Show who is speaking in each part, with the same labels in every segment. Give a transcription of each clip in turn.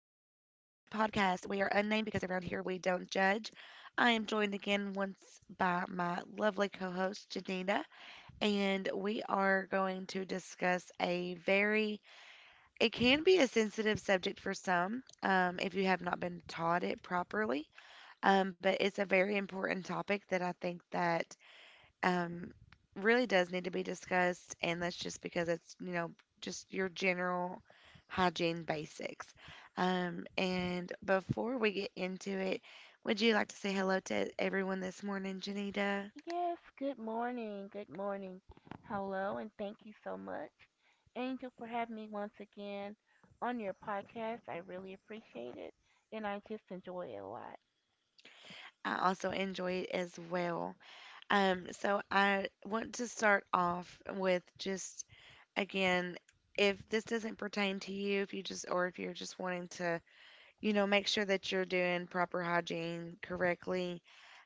Speaker 1: Podcast. We are unnamed because around here we don't judge. I am joined again once by my lovely co host, Janina, and we are going to discuss it can be a sensitive subject for some if you have not been taught it properly, but it's a very important topic that I think that um, really does need to be discussed, and that's just because it's, you know, just your general hygiene basics. And before we get into it, would you like to say hello to everyone this morning, Janita?
Speaker 2: Yes, good morning, good morning. Hello, and thank you so much, Angel, for having me once again on your podcast. I really appreciate it, and I just enjoy it a lot.
Speaker 1: I also enjoy it as well. So I want to start off with just again, if this doesn't pertain to you, if you just or if you're just wanting to, you know, make sure that you're doing proper hygiene correctly.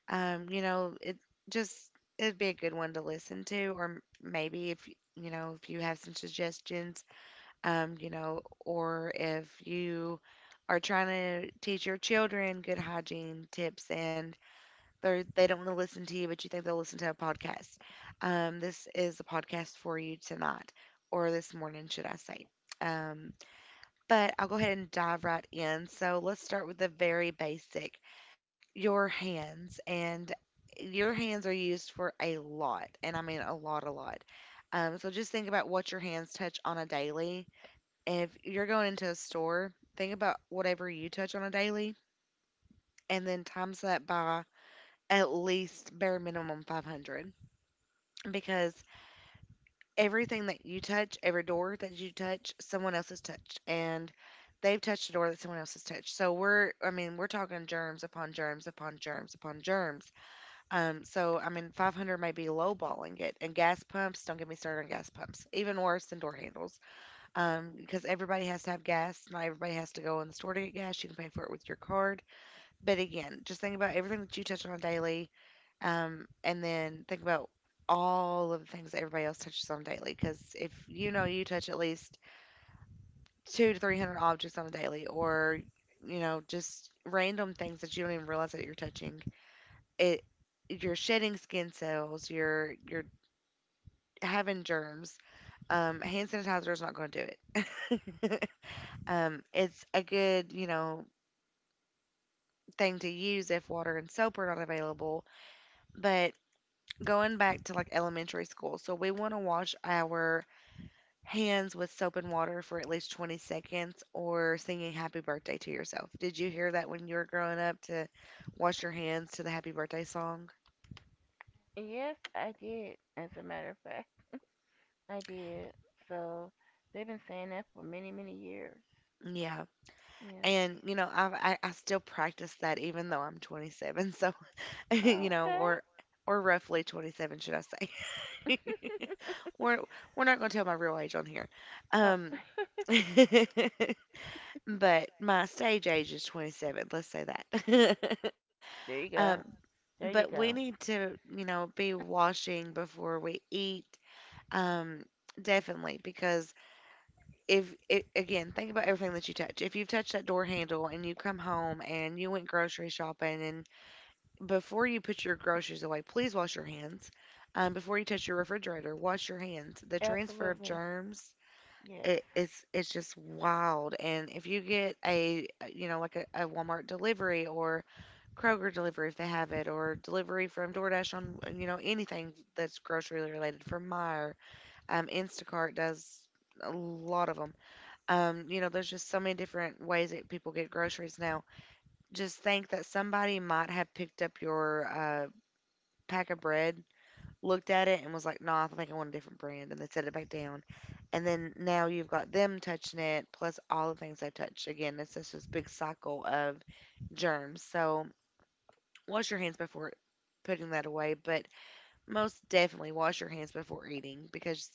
Speaker 1: Um, you know, it just It'd be a good one to listen to, or maybe if if you have some suggestions, um, you know, or if you are trying to teach your children good hygiene tips and they don't want to listen to you, but you think they'll listen to a podcast. This is a podcast for you tonight, or this morning, should I say? Um, but I'll go ahead and dive right in. So let's start with the very basic: your hands. And your hands are used for a lot, and I mean a lot a lot. So just think about what your hands touch on a daily. If you're going into a store, think about whatever you touch on a daily, and then times that by at least bare minimum 500, because everything that you touch, every door that you touch, someone else has touched, and they've touched a door that someone else has touched. So we're I mean, we're talking germs upon germs upon germs upon germs. So I mean, 500 may be lowballing it. And gas pumps, don't get me started on gas pumps. Even worse than door handles, because everybody has to have gas. Not everybody has to go in the store to get gas. You can pay for it with your card. But again, just think about everything that you touch on daily, and then think about all of the things that everybody else touches on daily. Because if you know you touch at least two to 300 objects on a daily, or just random things that you don't even realize that you're touching, it you're shedding skin cells, you're having germs. Hand sanitizer is not going to do it. It's a good, you know, thing to use if water and soap are not available. But going back to like elementary school, so we want to wash our hands with soap and water for at least 20 seconds, or singing happy birthday to yourself. Did you hear that when you were growing up, to wash your hands to the happy birthday song?
Speaker 2: Yes, I did, as a matter of fact. I did. So they've been saying that for many years.
Speaker 1: Yeah.
Speaker 2: Yeah.
Speaker 1: And I still practice that, even though I'm 27. So
Speaker 2: Oh, okay.
Speaker 1: or roughly 27, should I say? we're we're not going to tell my real age on here.
Speaker 2: Oh,
Speaker 1: Um, but my stage age is 27. Let's say that.
Speaker 2: there you
Speaker 1: um,
Speaker 2: go. There you
Speaker 1: but we
Speaker 2: go.
Speaker 1: need to, you know, be washing before we eat. Um, Definitely, because if it, again, think about everything that you touch. If you've touched that door handle and you come home and you went grocery shopping, and. Before you put your groceries away, please wash your hands. Before you touch your refrigerator, wash your hands. The transfer of
Speaker 2: Absolutely.
Speaker 1: germs,
Speaker 2: Yes.
Speaker 1: it's just wild. And if you get a like a Walmart delivery or Kroger delivery if they have it, or delivery from DoorDash, on anything that's grocery related, from Meijer, Instacart does a lot of them. There's just so many different ways that people get groceries now. Just think that somebody might have picked up your pack of bread, looked at it and was like, "Nah, I think I want a different brand," and they set it back down. And then now you've got them touching it, plus all the things they've touched. Again, it's just this big cycle of germs. So wash your hands before putting that away, but most definitely wash your hands before eating, because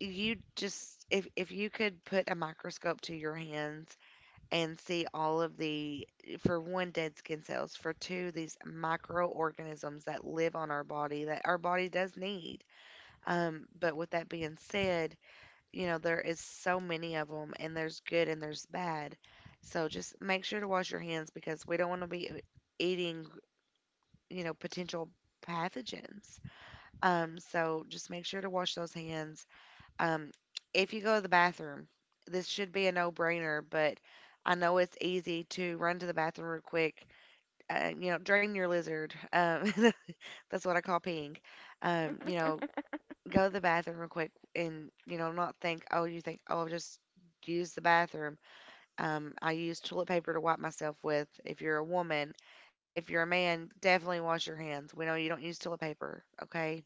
Speaker 1: you just if you could put a microscope to your hands and see all of the, for one, dead skin cells, for two, these microorganisms that live on our body, that our body does need. But with that being said, there is so many of them, and there's good and there's bad. So just make sure to wash your hands, because we don't want to be eating, potential pathogens. So just make sure to wash those hands. Um, if you go to the bathroom, this should be a no-brainer, but I know it's easy to run to the bathroom real quick. Drain your lizard. That's what I call peeing. Um, you know, go to the bathroom real quick and not think oh you think, "Oh, I'll just use the bathroom." I use toilet paper to wipe myself with if you're a woman. If you're a man, definitely wash your hands. We know you don't use toilet paper, okay?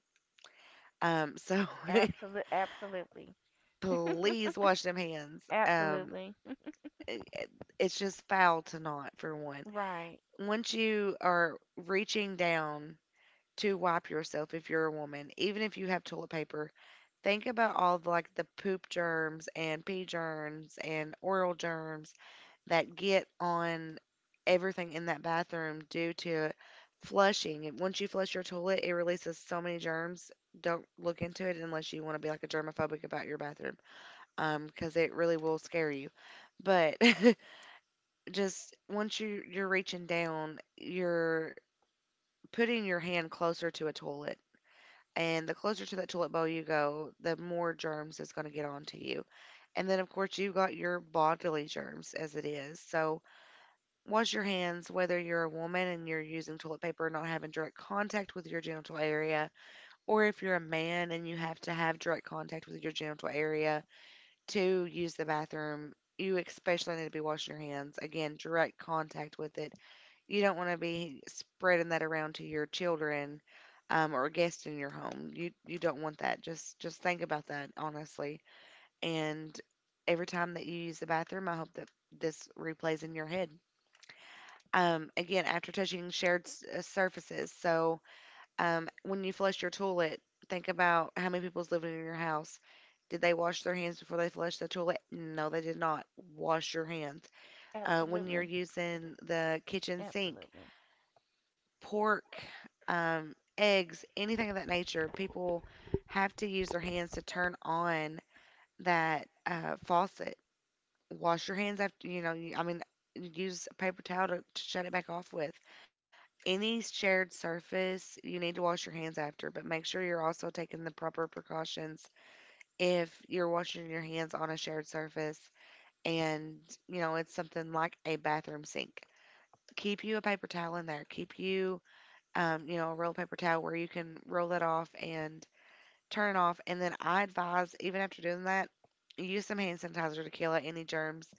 Speaker 1: So
Speaker 2: Absolutely. Absolutely.
Speaker 1: please wash them hands.
Speaker 2: Absolutely.
Speaker 1: It- it- it's just foul to not, for one,
Speaker 2: Right.
Speaker 1: once you are reaching down to wipe yourself if you're a woman, even if you have toilet paper, think about all the, like, the poop germs and pee germs and oral germs that get on everything in that bathroom due to flushing. And once you flush your toilet, it releases so many germs. Don't look into it unless you want to be like a germophobic about your bathroom, because it really will scare you. But just once you're reaching down, you're putting your hand closer to a toilet, and the closer to that tulip bowl you go, the more germs is going to get onto you. And then, of course, you've got your bodily germs as it is. So wash your hands, whether you're a woman and you're using toilet paper and not having direct contact with your genital area, or if you're a man and you have to have direct contact with your genital area to use the bathroom. You especially need to be washing your hands. Again, direct contact with it, you don't wanna be spreading that around to your children, or guests in your home. You don't want that. Just think about that, honestly. And every time that you use the bathroom, I hope that this replays in your head. Again, after touching shared surfaces. So, when you flush your toilet, think about how many people's living in your house. Did they wash their hands before they flushed the toilet? No, they did not. Wash your hands. When you're
Speaker 2: Absolutely.
Speaker 1: using the kitchen sink,
Speaker 2: Absolutely.
Speaker 1: pork, eggs, anything of that nature, people have to use their hands to turn on that faucet. Wash your hands after. I mean, use a paper towel to shut it back off with. Any shared surface, you need to wash your hands after, but make sure you're also taking the proper precautions if you're washing your hands on a shared surface and, it's something like a bathroom sink. Keep you a paper towel in there. Keep you a rolled paper towel where you can roll that off and turn it off. And then I advise, even after doing that, use some hand sanitizer to kill out any germs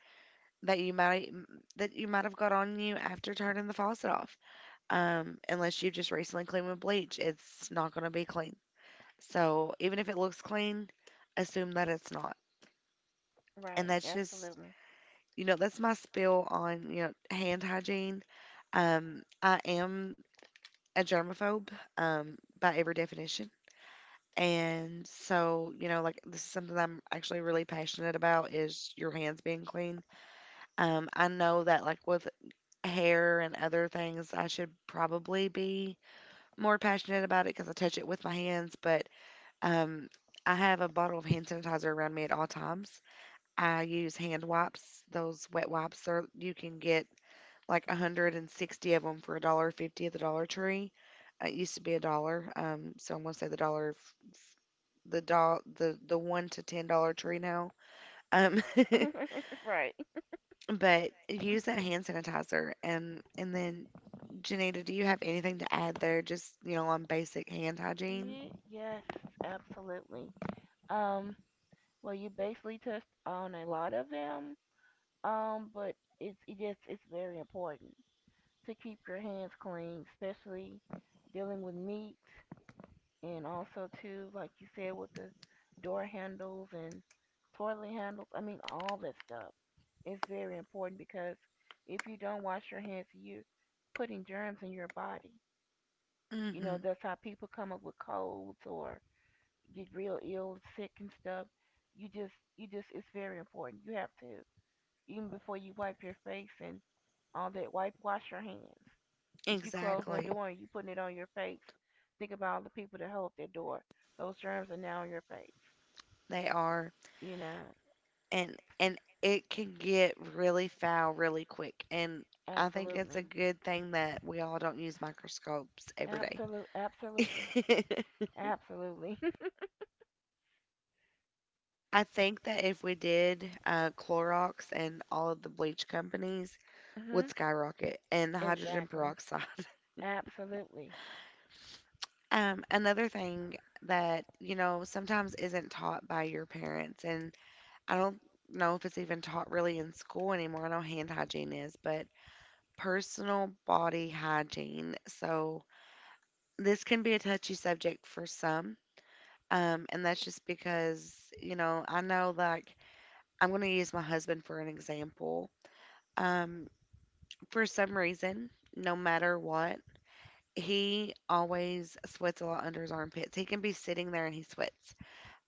Speaker 1: that you might have got on you after turning the faucet off. Unless you've just recently cleaned with bleach, it's not going to be clean. So even if it looks clean, assume that it's not. And
Speaker 2: Right.
Speaker 1: that's just
Speaker 2: Absolutely.
Speaker 1: that's my spill on hand hygiene. I am a germaphobe, um, by every definition. And so, like, this is something I'm actually really passionate about, is your hands being clean. I know that, like, with hair and other things, I should probably be more passionate about it because I touch it with my hands. But um, I have a bottle of hand sanitizer around me at all times. I use hand wipes. Those wet wipes, are you can get like 160 of them for a dollar fifty at the Dollar Tree. It used to be a dollar, so I'm gonna say the dollar the doll the one to ten dollar tree now. Um,
Speaker 2: Right.
Speaker 1: but use that hand sanitizer and then Janita, do you have anything to add there? Just on basic hand hygiene.
Speaker 2: Yes. Absolutely. Um. Well, you basically touched on a lot of them. But it just it's very important to keep your hands clean, especially dealing with meat. And also too, like you said, with the door handles and toilet handles. I mean, all that stuff is very important because if you don't wash your hands, you're putting germs in your body. You
Speaker 1: Hmm.
Speaker 2: know, that's how people come up with colds or get real ill, sick and stuff. You just, it's very important. You have to, even before you wipe your face and all that, wipe, wash your hands. If you closing the
Speaker 1: Exactly,
Speaker 2: door and you putting it on your face, think about all the people that hold that door. Those germs are now on your face.
Speaker 1: they are,
Speaker 2: You know,
Speaker 1: and it can get really foul really quick. And I think it's a
Speaker 2: absolutely,
Speaker 1: good thing that we all don't use microscopes every day.
Speaker 2: absolutely, absolutely.
Speaker 1: I think that if we did Clorox and all of the bleach companies would
Speaker 2: Hmm.
Speaker 1: skyrocket, and the hydrogen
Speaker 2: Exactly,
Speaker 1: peroxide.
Speaker 2: absolutely.
Speaker 1: Another thing that, you know, sometimes isn't taught by your parents, and I don't know if it's even taught really in school anymore. I know hand hygiene is, but personal body hygiene. So this can be a touchy subject for some. And that's just because, you know, I know like I'm going to use my husband for an example. Um, for some reason, no matter what, he always sweats a lot under his armpits. He can be sitting there and he sweats.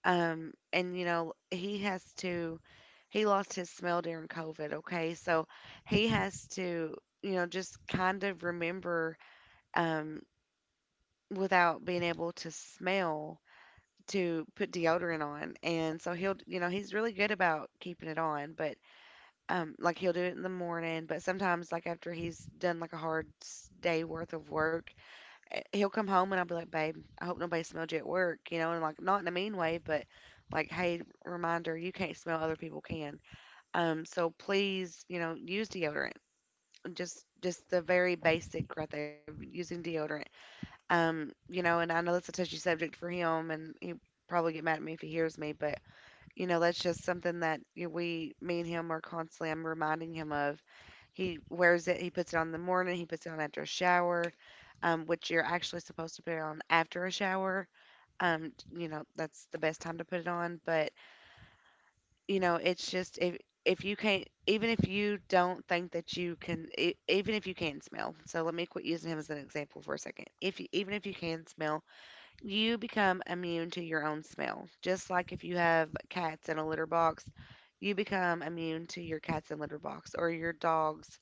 Speaker 1: And you know, he lost his smell during COVID, okay? So he has to, you know, just kind of remember, um, without being able to smell, to put deodorant on. And so he'll, you know, he's really good about keeping it on, but like he'll do it in the morning, but sometimes like after he's done like a day worth of work, he'll come home and I'll be like, babe, I hope nobody smelled you at work, you know, and like not in a mean way, but like, hey, reminder, you can't smell, other people can. So please, you know, use deodorant. Just the very basic right there of using deodorant. You know, and I know that's a touchy subject for him, and he probably get mad at me if he hears me, but you know, that's just something that you know, we, me and him, are constantly, I'm reminding him of. He wears it. He puts it on in the morning. He puts it on after a shower, which you're actually supposed to put it on after a shower. You know, that's the best time to put it on. But you know, it's just if you can't, even if you don't think that you can, even if you can smell. So let me quit using him as an example for a second. If you, even if you can smell, you become immune to your own smell. Just like if you have cats in a litter box, you become immune to your cats in litter box, or your dog's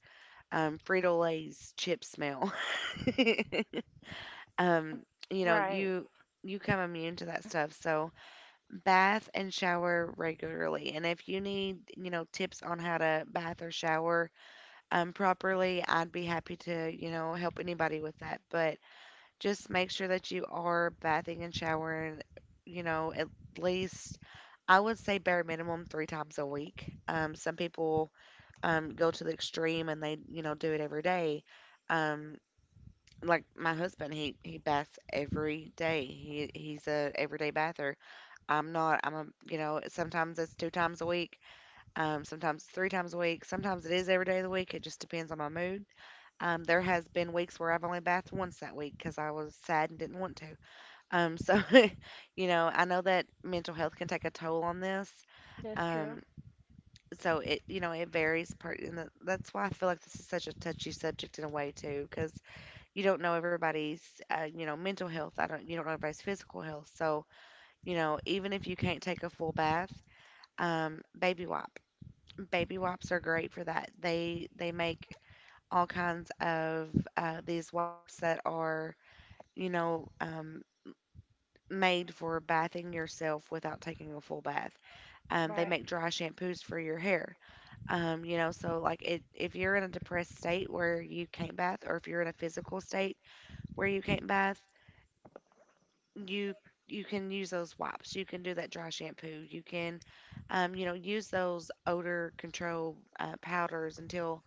Speaker 1: Frito Lay's chip smell. um, you know,
Speaker 2: Right.
Speaker 1: you become immune to that stuff. So bath and shower regularly. And if you need, you know, tips on how to bath or shower properly, I'd be happy to, you know, help anybody with that. But just make sure that you are bathing and showering, you know, at least, I would say, bare minimum 3 times a week. Some people go to the extreme and they, you know, do it every day. Um, like my husband, he baths every day. He's a everyday bather. I'm not. I'm a you know sometimes it's 2 times a week. Sometimes 3 times a week. Sometimes it is every day of the week. It just depends on my mood. There has been weeks where I've only bathed once that week because I was sad and didn't want to. So, you know, I know that mental health can take a toll on this.
Speaker 2: That's true.
Speaker 1: Um, so it, you know, it varies part, and that's why I feel like this is such a touchy subject in a way too, because you don't know everybody's you know, mental health. I don't, you don't know everybody's physical health. So, you know, even if you can't take a full bath, um, baby wipe, baby wipes are great for that. They make all kinds of these wipes that are, you know, made for bathing yourself without taking a full bath. They
Speaker 2: Right.
Speaker 1: make dry shampoos for your hair. You know, so like it, if you're in a depressed state where you can't bath, or if you're in a physical state where you can't bath, you you can use those wipes. You can do that dry shampoo. You can, you know, use those odor control powders until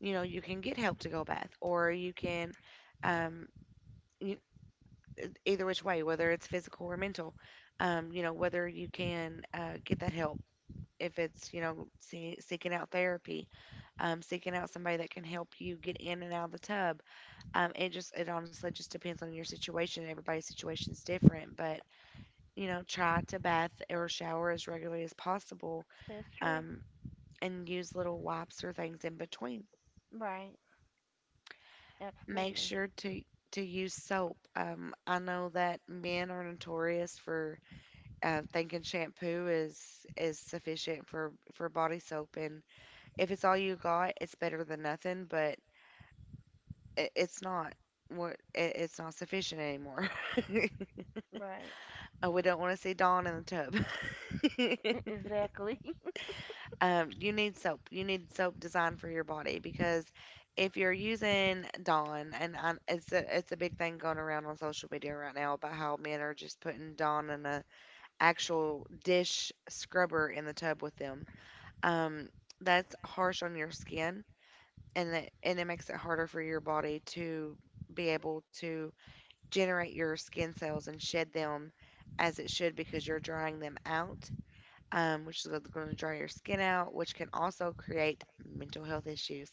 Speaker 1: you know you can get help to go bath, or you can. Um, Either which way, whether it's physical or mental, you know, whether you can get that help. If it's, you know, seeking out therapy, seeking out somebody that can help you get in and out of the tub. It just, it honestly just depends on your situation. Everybody's situation is different, but, you know, try to bath or shower as regularly as possible,
Speaker 2: That's true.
Speaker 1: um, and use little wipes or things in between.
Speaker 2: Right.
Speaker 1: Make
Speaker 2: Absolutely.
Speaker 1: sure to, to use soap. I know that men are notorious for thinking shampoo is sufficient for body soap, and if it's all you got it's better than nothing, but it's not it's not sufficient anymore.
Speaker 2: Right.
Speaker 1: Oh, we don't want to see Dawn in the tub.
Speaker 2: Exactly.
Speaker 1: You need soap, you need soap designed for your body, because if you're using Dawn and I it's a big thing going around on social media right now about how men are just putting Dawn in a actual dish scrubber in the tub with them, um, that's harsh on your skin, and it makes it harder for your body to be able to generate your skin cells and shed them as it should, because you're drying them out, which is going to dry your skin out, which can also create mental health issues.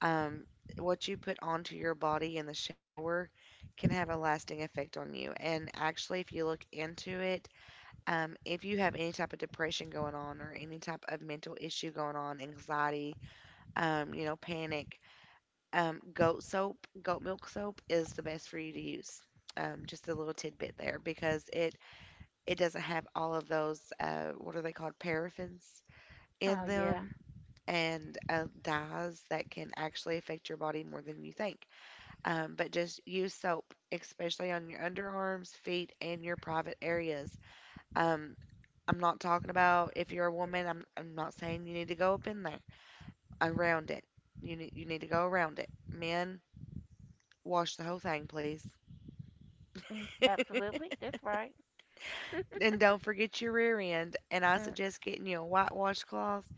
Speaker 1: Um, what you put onto your body in the shower can have a lasting effect on you. And actually, if you look into it, if you have any type of depression going on or any type of mental issue going on, anxiety, you know, panic. Um, goat soap, Goat milk soap is the best for you to use. Just a little tidbit there, because it doesn't have all of those what are they called, paraffins, in
Speaker 2: Oh yeah.
Speaker 1: them, and dyes that can actually affect your body more than you think. But just use soap, especially on your underarms, feet, and your private areas. Um, I'm not talking about if you're a woman. I'm not saying you need to go up in there around it. You need to go around it. Men, wash the whole thing, please.
Speaker 2: Mm, absolutely. That's right.
Speaker 1: And don't forget your rear end. And I
Speaker 2: Mm,
Speaker 1: suggest getting you a white washcloth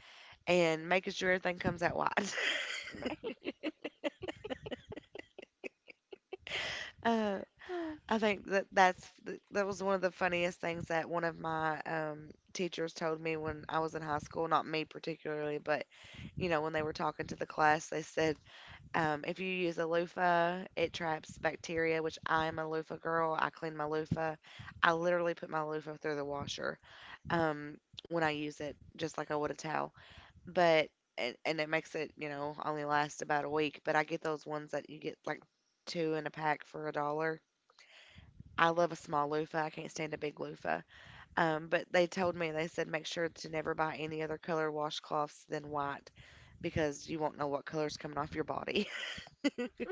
Speaker 1: and making sure everything comes out white.
Speaker 2: right.
Speaker 1: Uh, I think that that was one of the funniest things that one of my teachers told me when I was in high school. Not me particularly, but you know when they were talking to the class, they said, if you use a loofah, it traps bacteria, which I'm a loofah girl. I clean my loofah. I literally put my loofah through the washer um, when I use it, just like I would a towel. But, and it makes it, you know, only last about a week. But I get those ones that you get like two in a pack for a dollar. I love a small loofah. I can't stand a big loofah. But they told me, they said, make sure to never buy any other color washcloths than white, because you won't know what color's coming off your body.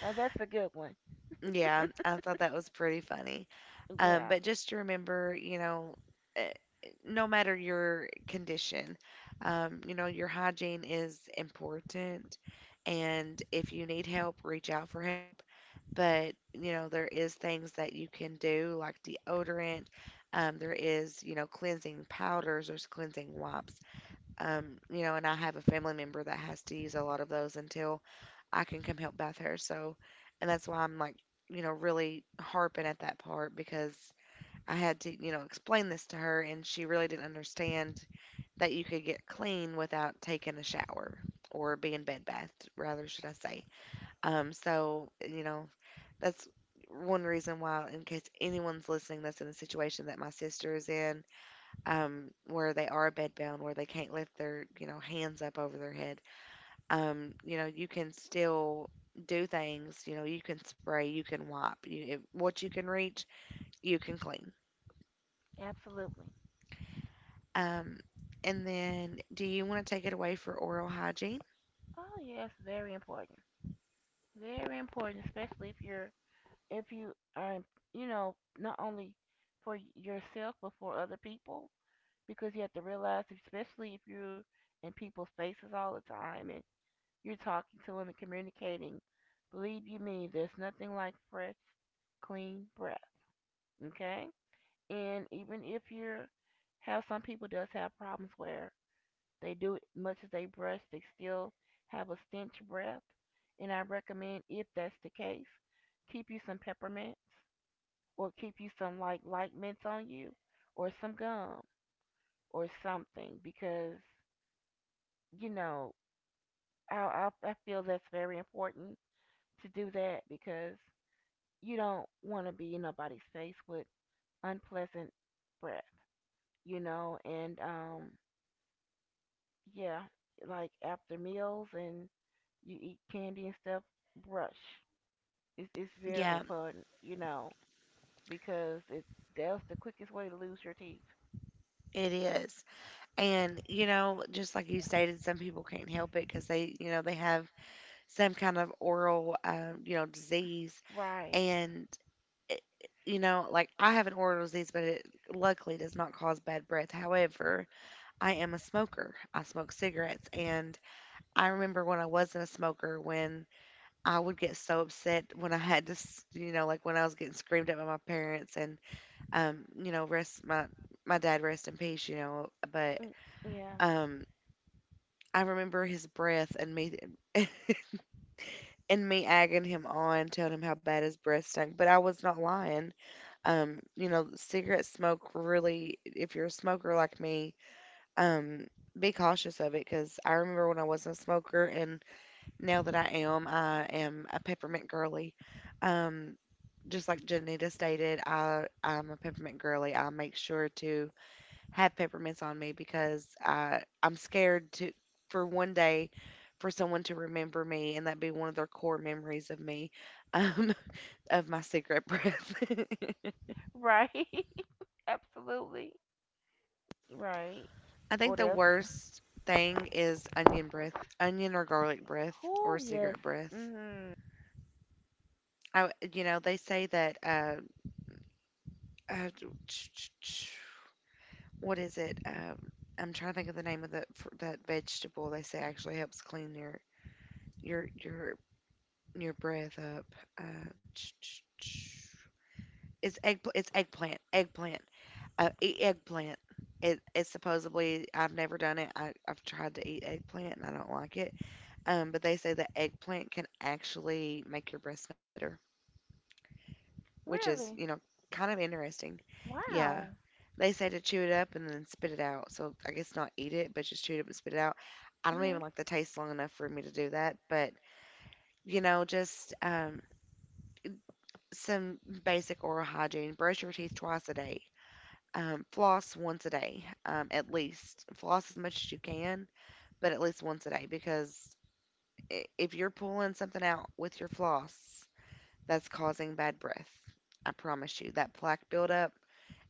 Speaker 2: Now that's a good one.
Speaker 1: Yeah, I thought that was pretty funny.
Speaker 2: Yeah,
Speaker 1: But just to remember, you know, eh, no matter your condition, you know, your hygiene is important. And if you need help, reach out for help. But, you know, there is things that you can do, like deodorant. There is, you know, cleansing powders, there's cleansing wipes. You know, and I have a family member that has to use a lot of those until I can come help bath her. So, and that's why I'm like, you know, really harping at that part, because I had to, you know, explain this to her, and she really didn't understand that you could get clean without taking a shower, or being bed bathed, rather, should I say. So, you know, that's one reason why, in case anyone's listening that's in a situation that my sister is in, where they are bedbound, where they can't lift their, you know, hands up over their head, you know, you can still do things. You know, you can spray, you can wipe. If what you can reach, you can clean.
Speaker 2: absolutely.
Speaker 1: Um, and then, do you want to take it away for oral hygiene?
Speaker 2: Oh yes, very important. Very important, especially if you're, if you are, you know, not only for yourself but for other people, because you have to realize, especially if you're in people's faces all the time and you're talking to them and communicating. Believe you me, there's nothing like fresh, clean breath. Okay, and even if you're, have some people does have problems where they do much as they brush, they still have a stench breath, and I recommend, if that's the case, keep you some peppermints or keep you some like light mints on you or some gum or something, because you know, I feel that's very important to do that because you don't want to be in nobody's face with unpleasant breath, you know, and um, yeah, like after meals and you eat candy and stuff, brush. It's very
Speaker 1: Yeah,
Speaker 2: important, you know, because it, that's the quickest way to lose your teeth.
Speaker 1: it is. And, you know, just like you stated, some people can't help it because they, you know, they have some kind of oral, you know, disease.
Speaker 2: Right.
Speaker 1: And, it- you know, like I have an oral disease, but it luckily does not cause bad breath. However, I am a smoker. I smoke cigarettes. And I remember when I wasn't a smoker, when I would get so upset when I had to, you know, like when I was getting screamed at by my parents, and you know, rest my dad rest in peace, you know, but
Speaker 2: Mm, yeah.
Speaker 1: um, I remember his breath and me and me agging him on, telling him how bad his breath stunk, but I was not lying. You know, cigarette smoke really, if you're a smoker like me, um, be cautious of it because I remember when I wasn't a smoker. And now that I am a peppermint girly. Um, just like Janita stated, I'm a peppermint girly. I make sure to have peppermints on me because I'm scared to, for one day, for someone to remember me and that be one of their core memories of me, um, of my cigarette breath.
Speaker 2: Right. Absolutely. Right.
Speaker 1: I think
Speaker 2: What
Speaker 1: the
Speaker 2: else?
Speaker 1: worst thing is onion breath, onion or garlic breath or
Speaker 2: Oh yes.
Speaker 1: cigarette breath.
Speaker 2: Mhm.
Speaker 1: I, you know, they say that uh, what is it? I'm trying to think of the name of the that vegetable they say actually helps clean your your your breath up. Uh, ch- ch- ch- it's eggplant, eat eggplant. It's supposedly, I've never done it. I've tried to eat eggplant and I don't like it. But they say that eggplant can actually make your breath smell better, which is,
Speaker 2: Really?
Speaker 1: you know, kind of interesting. Yeah,
Speaker 2: Wow.
Speaker 1: they say to chew it up and then spit it out. So I guess not eat it, but just chew it up and spit it out. I don't
Speaker 2: Mhm.
Speaker 1: even like the taste long enough for me to do that. But, you know, just some basic oral hygiene. Brush your teeth twice a day. Floss once a day, at least. Floss as much as you can, but at least once a day, because if you're pulling something out with your floss, that's causing bad breath. I promise you. That plaque buildup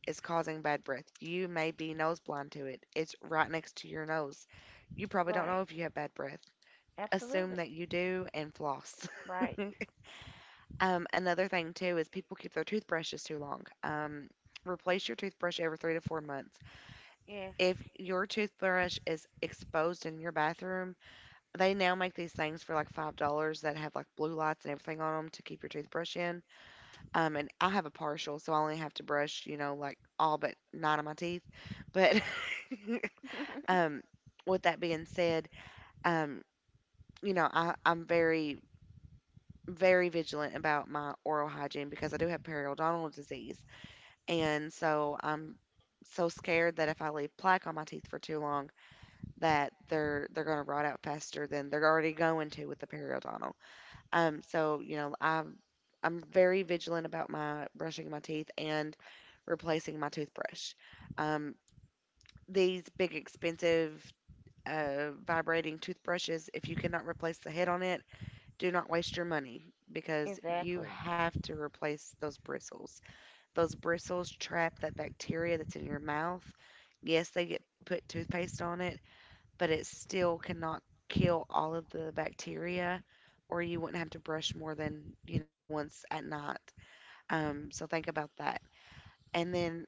Speaker 1: is causing bad breath. You may be nose blind to it. It's right next to your nose. You probably don't
Speaker 2: Right.
Speaker 1: know if you have bad breath. Assume
Speaker 2: Absolutely.
Speaker 1: that you do and floss.
Speaker 2: Right.
Speaker 1: Um, another thing too is people keep their toothbrushes too long. Replace your toothbrush every 3 to 4 months.
Speaker 2: Yes.
Speaker 1: If your toothbrush is exposed in your bathroom, they now make these things for like $5 that have like blue lights and everything on them to keep your toothbrush in. Um, and I have a partial, so I only have to brush, you know, like all but nine of my teeth. But um, with that being said, um, you know, I, I'm very, very vigilant about my oral hygiene because I do have periodontal disease. And so I'm so scared that if I leave plaque on my teeth for too long, that they're going to rot out faster than they're already going to with the periodontal. So you know, I'm very vigilant about my brushing my teeth and replacing my toothbrush. Um, these big expensive vibrating toothbrushes, if you cannot replace the head on it, do not waste your money because you
Speaker 2: Exactly.
Speaker 1: have to replace those bristles. Those bristles trap that bacteria that's in your mouth. Yes, they get put toothpaste on it, but it still cannot kill all of the bacteria, or you wouldn't have to brush more than, you know, once at night. So think about that. And then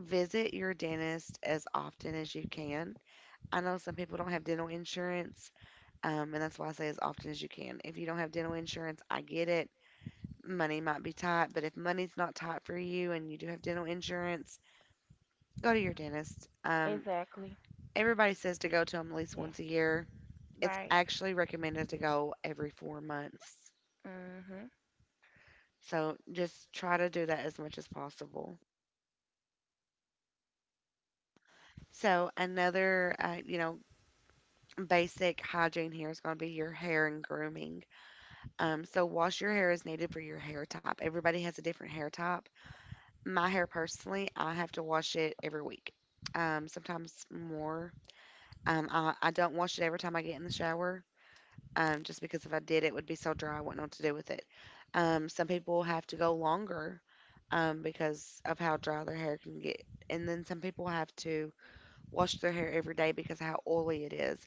Speaker 1: visit your dentist as often as you can. I know some people don't have dental insurance, and that's why I say as often as you can. If you don't have dental insurance, I get it. Money might be tight, but if money's not tight for you and you do have dental insurance, go to your dentist.
Speaker 2: Exactly.
Speaker 1: Everybody says to go to them at least
Speaker 2: Yeah.
Speaker 1: once a year, it's
Speaker 2: Right.
Speaker 1: actually recommended to go every 4 months.
Speaker 2: Mhm.
Speaker 1: So just try to do that as much as possible. So another, you know, basic hygiene here is going to be your hair and grooming. So wash your hair as needed for your hair type. Everybody has a different hair type. My hair personally, I have to wash it every week. Sometimes more. I don't wash it every time I get in the shower, just because if I did, it would be so dry, I wouldn't know what to do with it. Some people have to go longer because of how dry their hair can get. And then some people have to wash their hair every day because of how oily it is.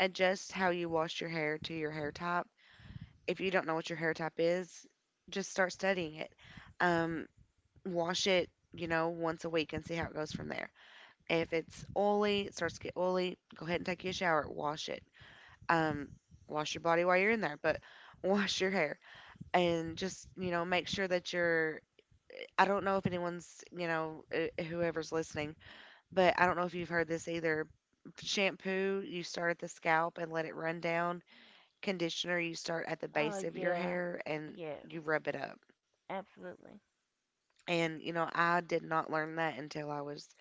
Speaker 1: Adjust how you wash your hair to your hair type. If you don't know what your hair type is, just start studying it. Um, wash it, you know, once a week and see how it goes from there. If it's oily, it starts to get oily, go ahead and take you a shower, wash it. Um, wash your body while you're in there, but wash your hair and just, you know, make sure that you're. I don't know if anyone's, you know, whoever's listening, but I don't know if you've heard this either. Shampoo, you start at the scalp and let it run down. Conditioner, you start at the
Speaker 2: Oh
Speaker 1: base of your
Speaker 2: yeah.
Speaker 1: hair and
Speaker 2: Yeah.
Speaker 1: you rub it up.
Speaker 2: Absolutely.
Speaker 1: And, you know, I did not learn that until I was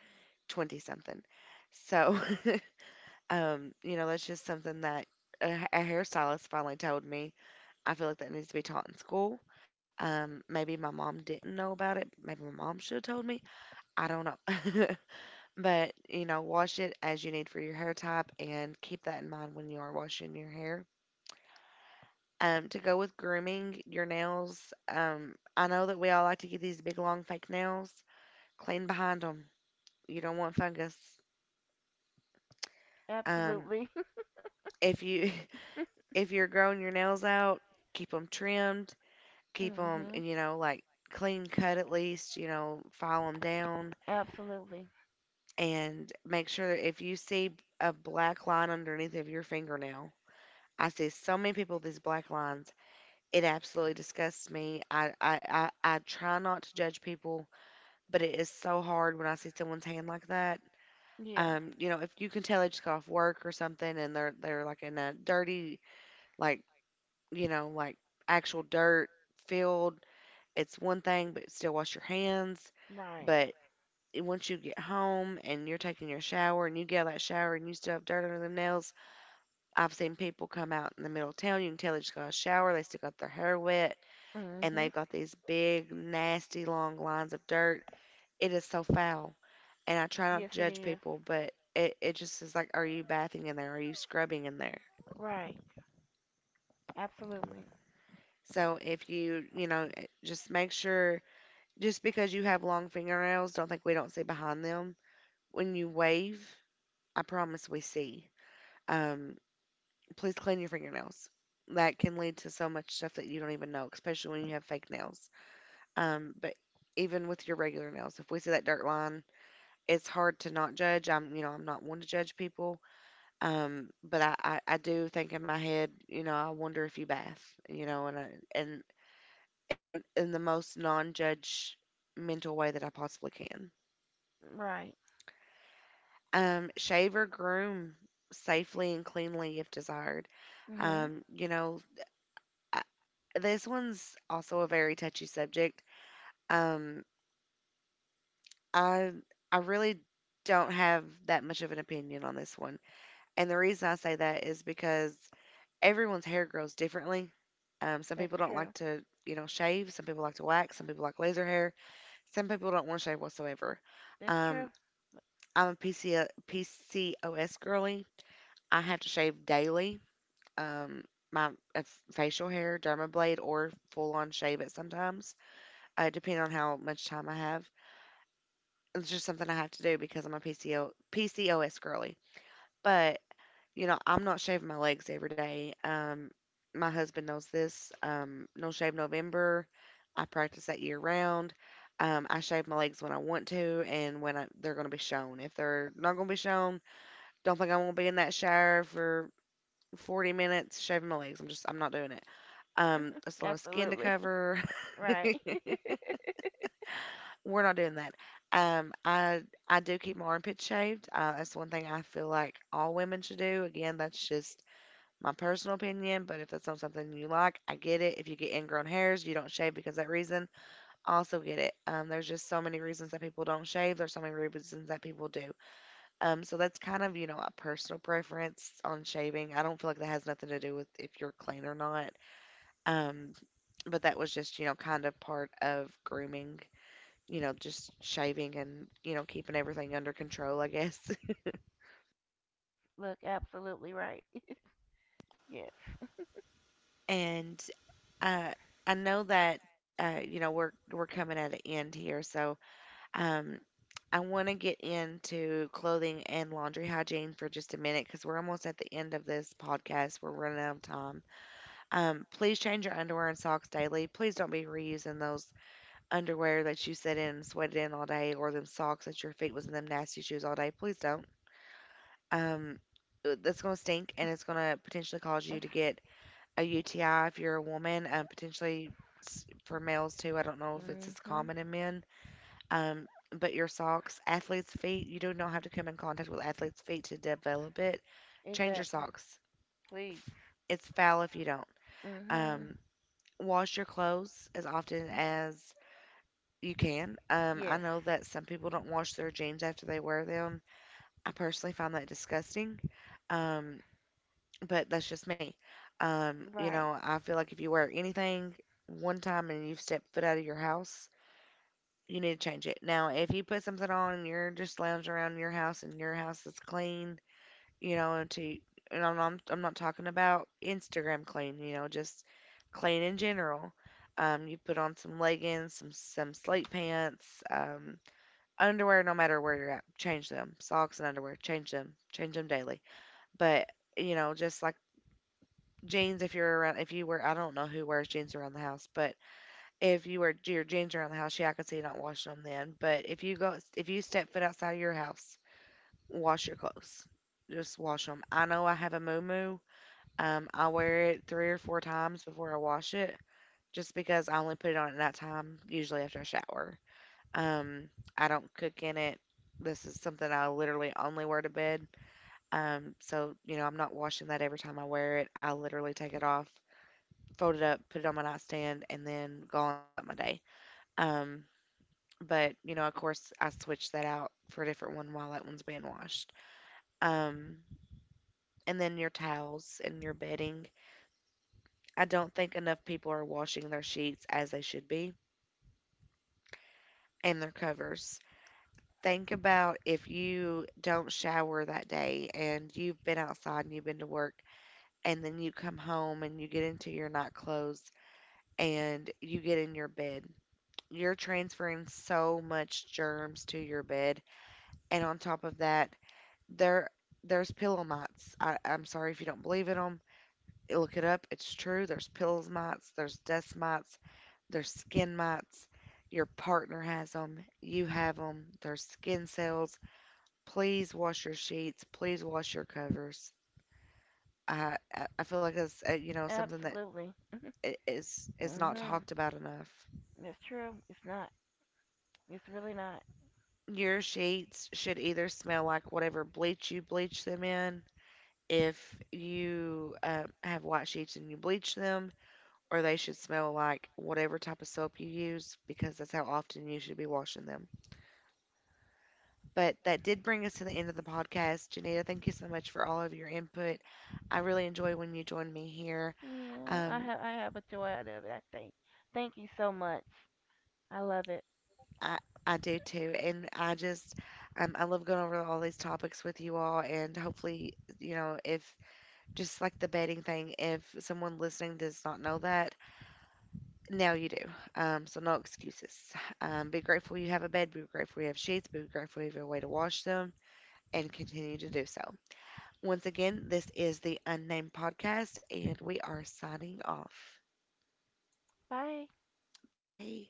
Speaker 1: 20 something. So, you know, that's just something that a hairstylist finally told me. I feel like that needs to be taught in school. Maybe my mom didn't know about it. Maybe my mom should have told me. I don't know. But, you know, wash it as you need for your hair type and keep that in mind when you are washing your hair. To go with grooming your nails, I know that we all like to get these big, long, fake nails. Clean behind them. You don't want fungus. Um,
Speaker 2: Absolutely.
Speaker 1: if you if you're growing your nails out, keep them trimmed. Keep them,
Speaker 2: Mhm.
Speaker 1: you know, like clean cut at least, you know, file them down
Speaker 2: Absolutely.
Speaker 1: and make sure that if you see a black line underneath of your fingernail. I see so many people with these black lines. It absolutely disgusts me. I try not to judge people, but it is so hard when I see someone's hand like that.
Speaker 2: Yeah.
Speaker 1: You know, if you can tell they just got off work or something and they're like in a dirty, like, you know, like actual dirt field, it's one thing, but still wash your hands.
Speaker 2: Right.
Speaker 1: But once you get home and you're taking your shower and you get out of that shower and you still have dirt under the nails, I've seen people come out in the middle of town. You can tell they just got a shower, they still got their hair wet, and they've
Speaker 2: Mhm.
Speaker 1: got these big, nasty, long lines of dirt. It is so foul. And I try
Speaker 2: Yes,
Speaker 1: not to
Speaker 2: it
Speaker 1: judge
Speaker 2: is.
Speaker 1: people, but it just is like, are you bathing in there? Are you scrubbing in there?
Speaker 2: Right. Absolutely.
Speaker 1: So if you, you know, eh, just make sure, just because you have long fingernails, don't think we don't see behind them. When you wave, I promise we see. Um, please clean your fingernails. That can lead to so much stuff that you don't even know, especially when you have fake nails. But even with your regular nails, if we see that dirt line, it's hard to not judge. I'm, you know, I'm not one to judge people. But I do think in my head, you know, I wonder if you bath, you know, and I, and and in the most non-judge mental way that I possibly can.
Speaker 2: Right.
Speaker 1: Shave or groom safely and cleanly if desired.
Speaker 2: Mhm.
Speaker 1: You know, I, this one's also a very touchy subject. Um, I I really don't have that much of an opinion on this one, and the reason I say that is because everyone's hair grows differently. Some people
Speaker 2: That's
Speaker 1: don't like
Speaker 2: true.
Speaker 1: to, you know, shave. Some people like to wax. Some people like laser hair. Some people don't want to shave whatsoever.
Speaker 2: That's true.
Speaker 1: Um, I'm a PCOS girly. I have to shave daily, um, my facial hair, dermablade, or full on shave it sometimes, depending on how much time I have. It's just something I have to do because I'm a PCO, PCOS girly. But, you know, I'm not shaving my legs every day. My husband knows this. No Shave November. I practice that year round. I shave my legs when I want to and when they're going to be shown. If they're not going to be shown, don't think I'm going to be in that shower for 40 minutes shaving my legs. I'm not doing it. It's a lot of skin to
Speaker 2: Absolutely.
Speaker 1: cover.
Speaker 2: Right.
Speaker 1: We're not doing that. Um, I I do keep my armpits shaved. That's one thing I feel like all women should do. Again, that's just my personal opinion. But if that's not something you like, I get it. If you get ingrown hairs, you don't shave because of that reason. I also get it. There's just so many reasons that people don't shave. There's so many reasons that people do. So that's kind of a personal preference on shaving. I don't feel like that has nothing to do with if you're clean or not. Um, but that was just, you know, kind of part of grooming, you know, just shaving and, you know, keeping everything under control, I guess.
Speaker 2: Look, absolutely right. Yes.
Speaker 1: and uh, I know that you know, we're coming at an end here, so um I want to get into clothing and laundry hygiene for just a minute because we're almost at the end of this podcast. We're running out of time. Please change your underwear and socks daily. Please don't be reusing those underwear that you sit in and sweated in all day or them socks that your feet was in them nasty shoes all day. Please don't. Um, that's going to stink and it's going to potentially cause you to get a UTI if you're a woman, potentially for males too. I don't know if it's as
Speaker 2: Mhm.
Speaker 1: common in men. Um, but your socks, athlete's feet, you do not have to come in contact with athlete's feet to develop it. Change your
Speaker 2: Exactly.
Speaker 1: socks.
Speaker 2: Please.
Speaker 1: F- It's foul if you don't.
Speaker 2: Mhm.
Speaker 1: Um, wash your clothes as often
Speaker 2: Mm.
Speaker 1: as you can. I
Speaker 2: Yes.
Speaker 1: know that some people don't wash their jeans after they wear them. I personally find that disgusting. Um, but that's just me. You
Speaker 2: Right.
Speaker 1: know, I feel like if you wear anything one time and you've stepped foot out of your house, you need to change it. Now, if you put something on and you're just lounging around your house and your house is clean, you know, and to and I'm not talking about Instagram clean, you know, just clean in general. You put on some leggings, some slate pants, underwear, no matter where you're at, change them socks and underwear, change them daily. But, you know, just like jeans, if you wear, I don't know who wears jeans around the house, but if you wear your jeans around the house, yeah, I could see you not washing them then. But if you go, if you step foot outside of your house, wash your clothes. Just wash them. I know I have a muumuu. I wear it three or four times before I wash it just because I only put it on at night time, usually after I shower. Um, I don't cook in it. This is something I literally only wear to bed. So, you know, I'm not washing that every time I wear it. I literally take it off, fold it up, put it on my nightstand, and then go on about my day. Um, but, you know, of course, I switch that out for a different one while that one's being washed. Um, and then your towels and your bedding. I don't think enough people are washing their sheets as they should be, and their covers. Think about if you don't shower that day and you've been outside and you've been to work, and then you come home and you get into your night clothes and you get in your bed. You're transferring so much germs to your bed, and on top of that, there there's pillow mites. I'm sorry if you don't believe in them. Look it up. It's true. There's pillow mites. There's dust mites. There's skin mites. Your partner has them. You have them. There's skin cells. Please wash your sheets. Please wash your covers. I feel like that's you know, something that
Speaker 2: Absolutely.
Speaker 1: is not
Speaker 2: Mhm.
Speaker 1: talked about enough.
Speaker 2: That's true. It's not. It's really not.
Speaker 1: Your sheets should either smell like whatever bleach you bleach them in, if you have white sheets and you bleach them, or they should smell like whatever type of soap you use because that's how often you should be washing them. But that did bring us to the end of the podcast. Janita, thank you so much for all of your input. I really enjoy when you join me here.
Speaker 2: Yeah, I
Speaker 1: Um,
Speaker 2: have, I have a joy out of it. I think. Thank you so much. I love it.
Speaker 1: I, I do too. And I just, I love going over all these topics with you all. And hopefully, you know, if just like the bedding thing, if someone listening does not know that, now you do. So no excuses. Be grateful you have a bed. Be grateful you have sheets. Be grateful you have a way to wash them. And continue to do so. Once again, this is the Unnamed Podcast, and we are signing off.
Speaker 2: Bye.
Speaker 1: Bye.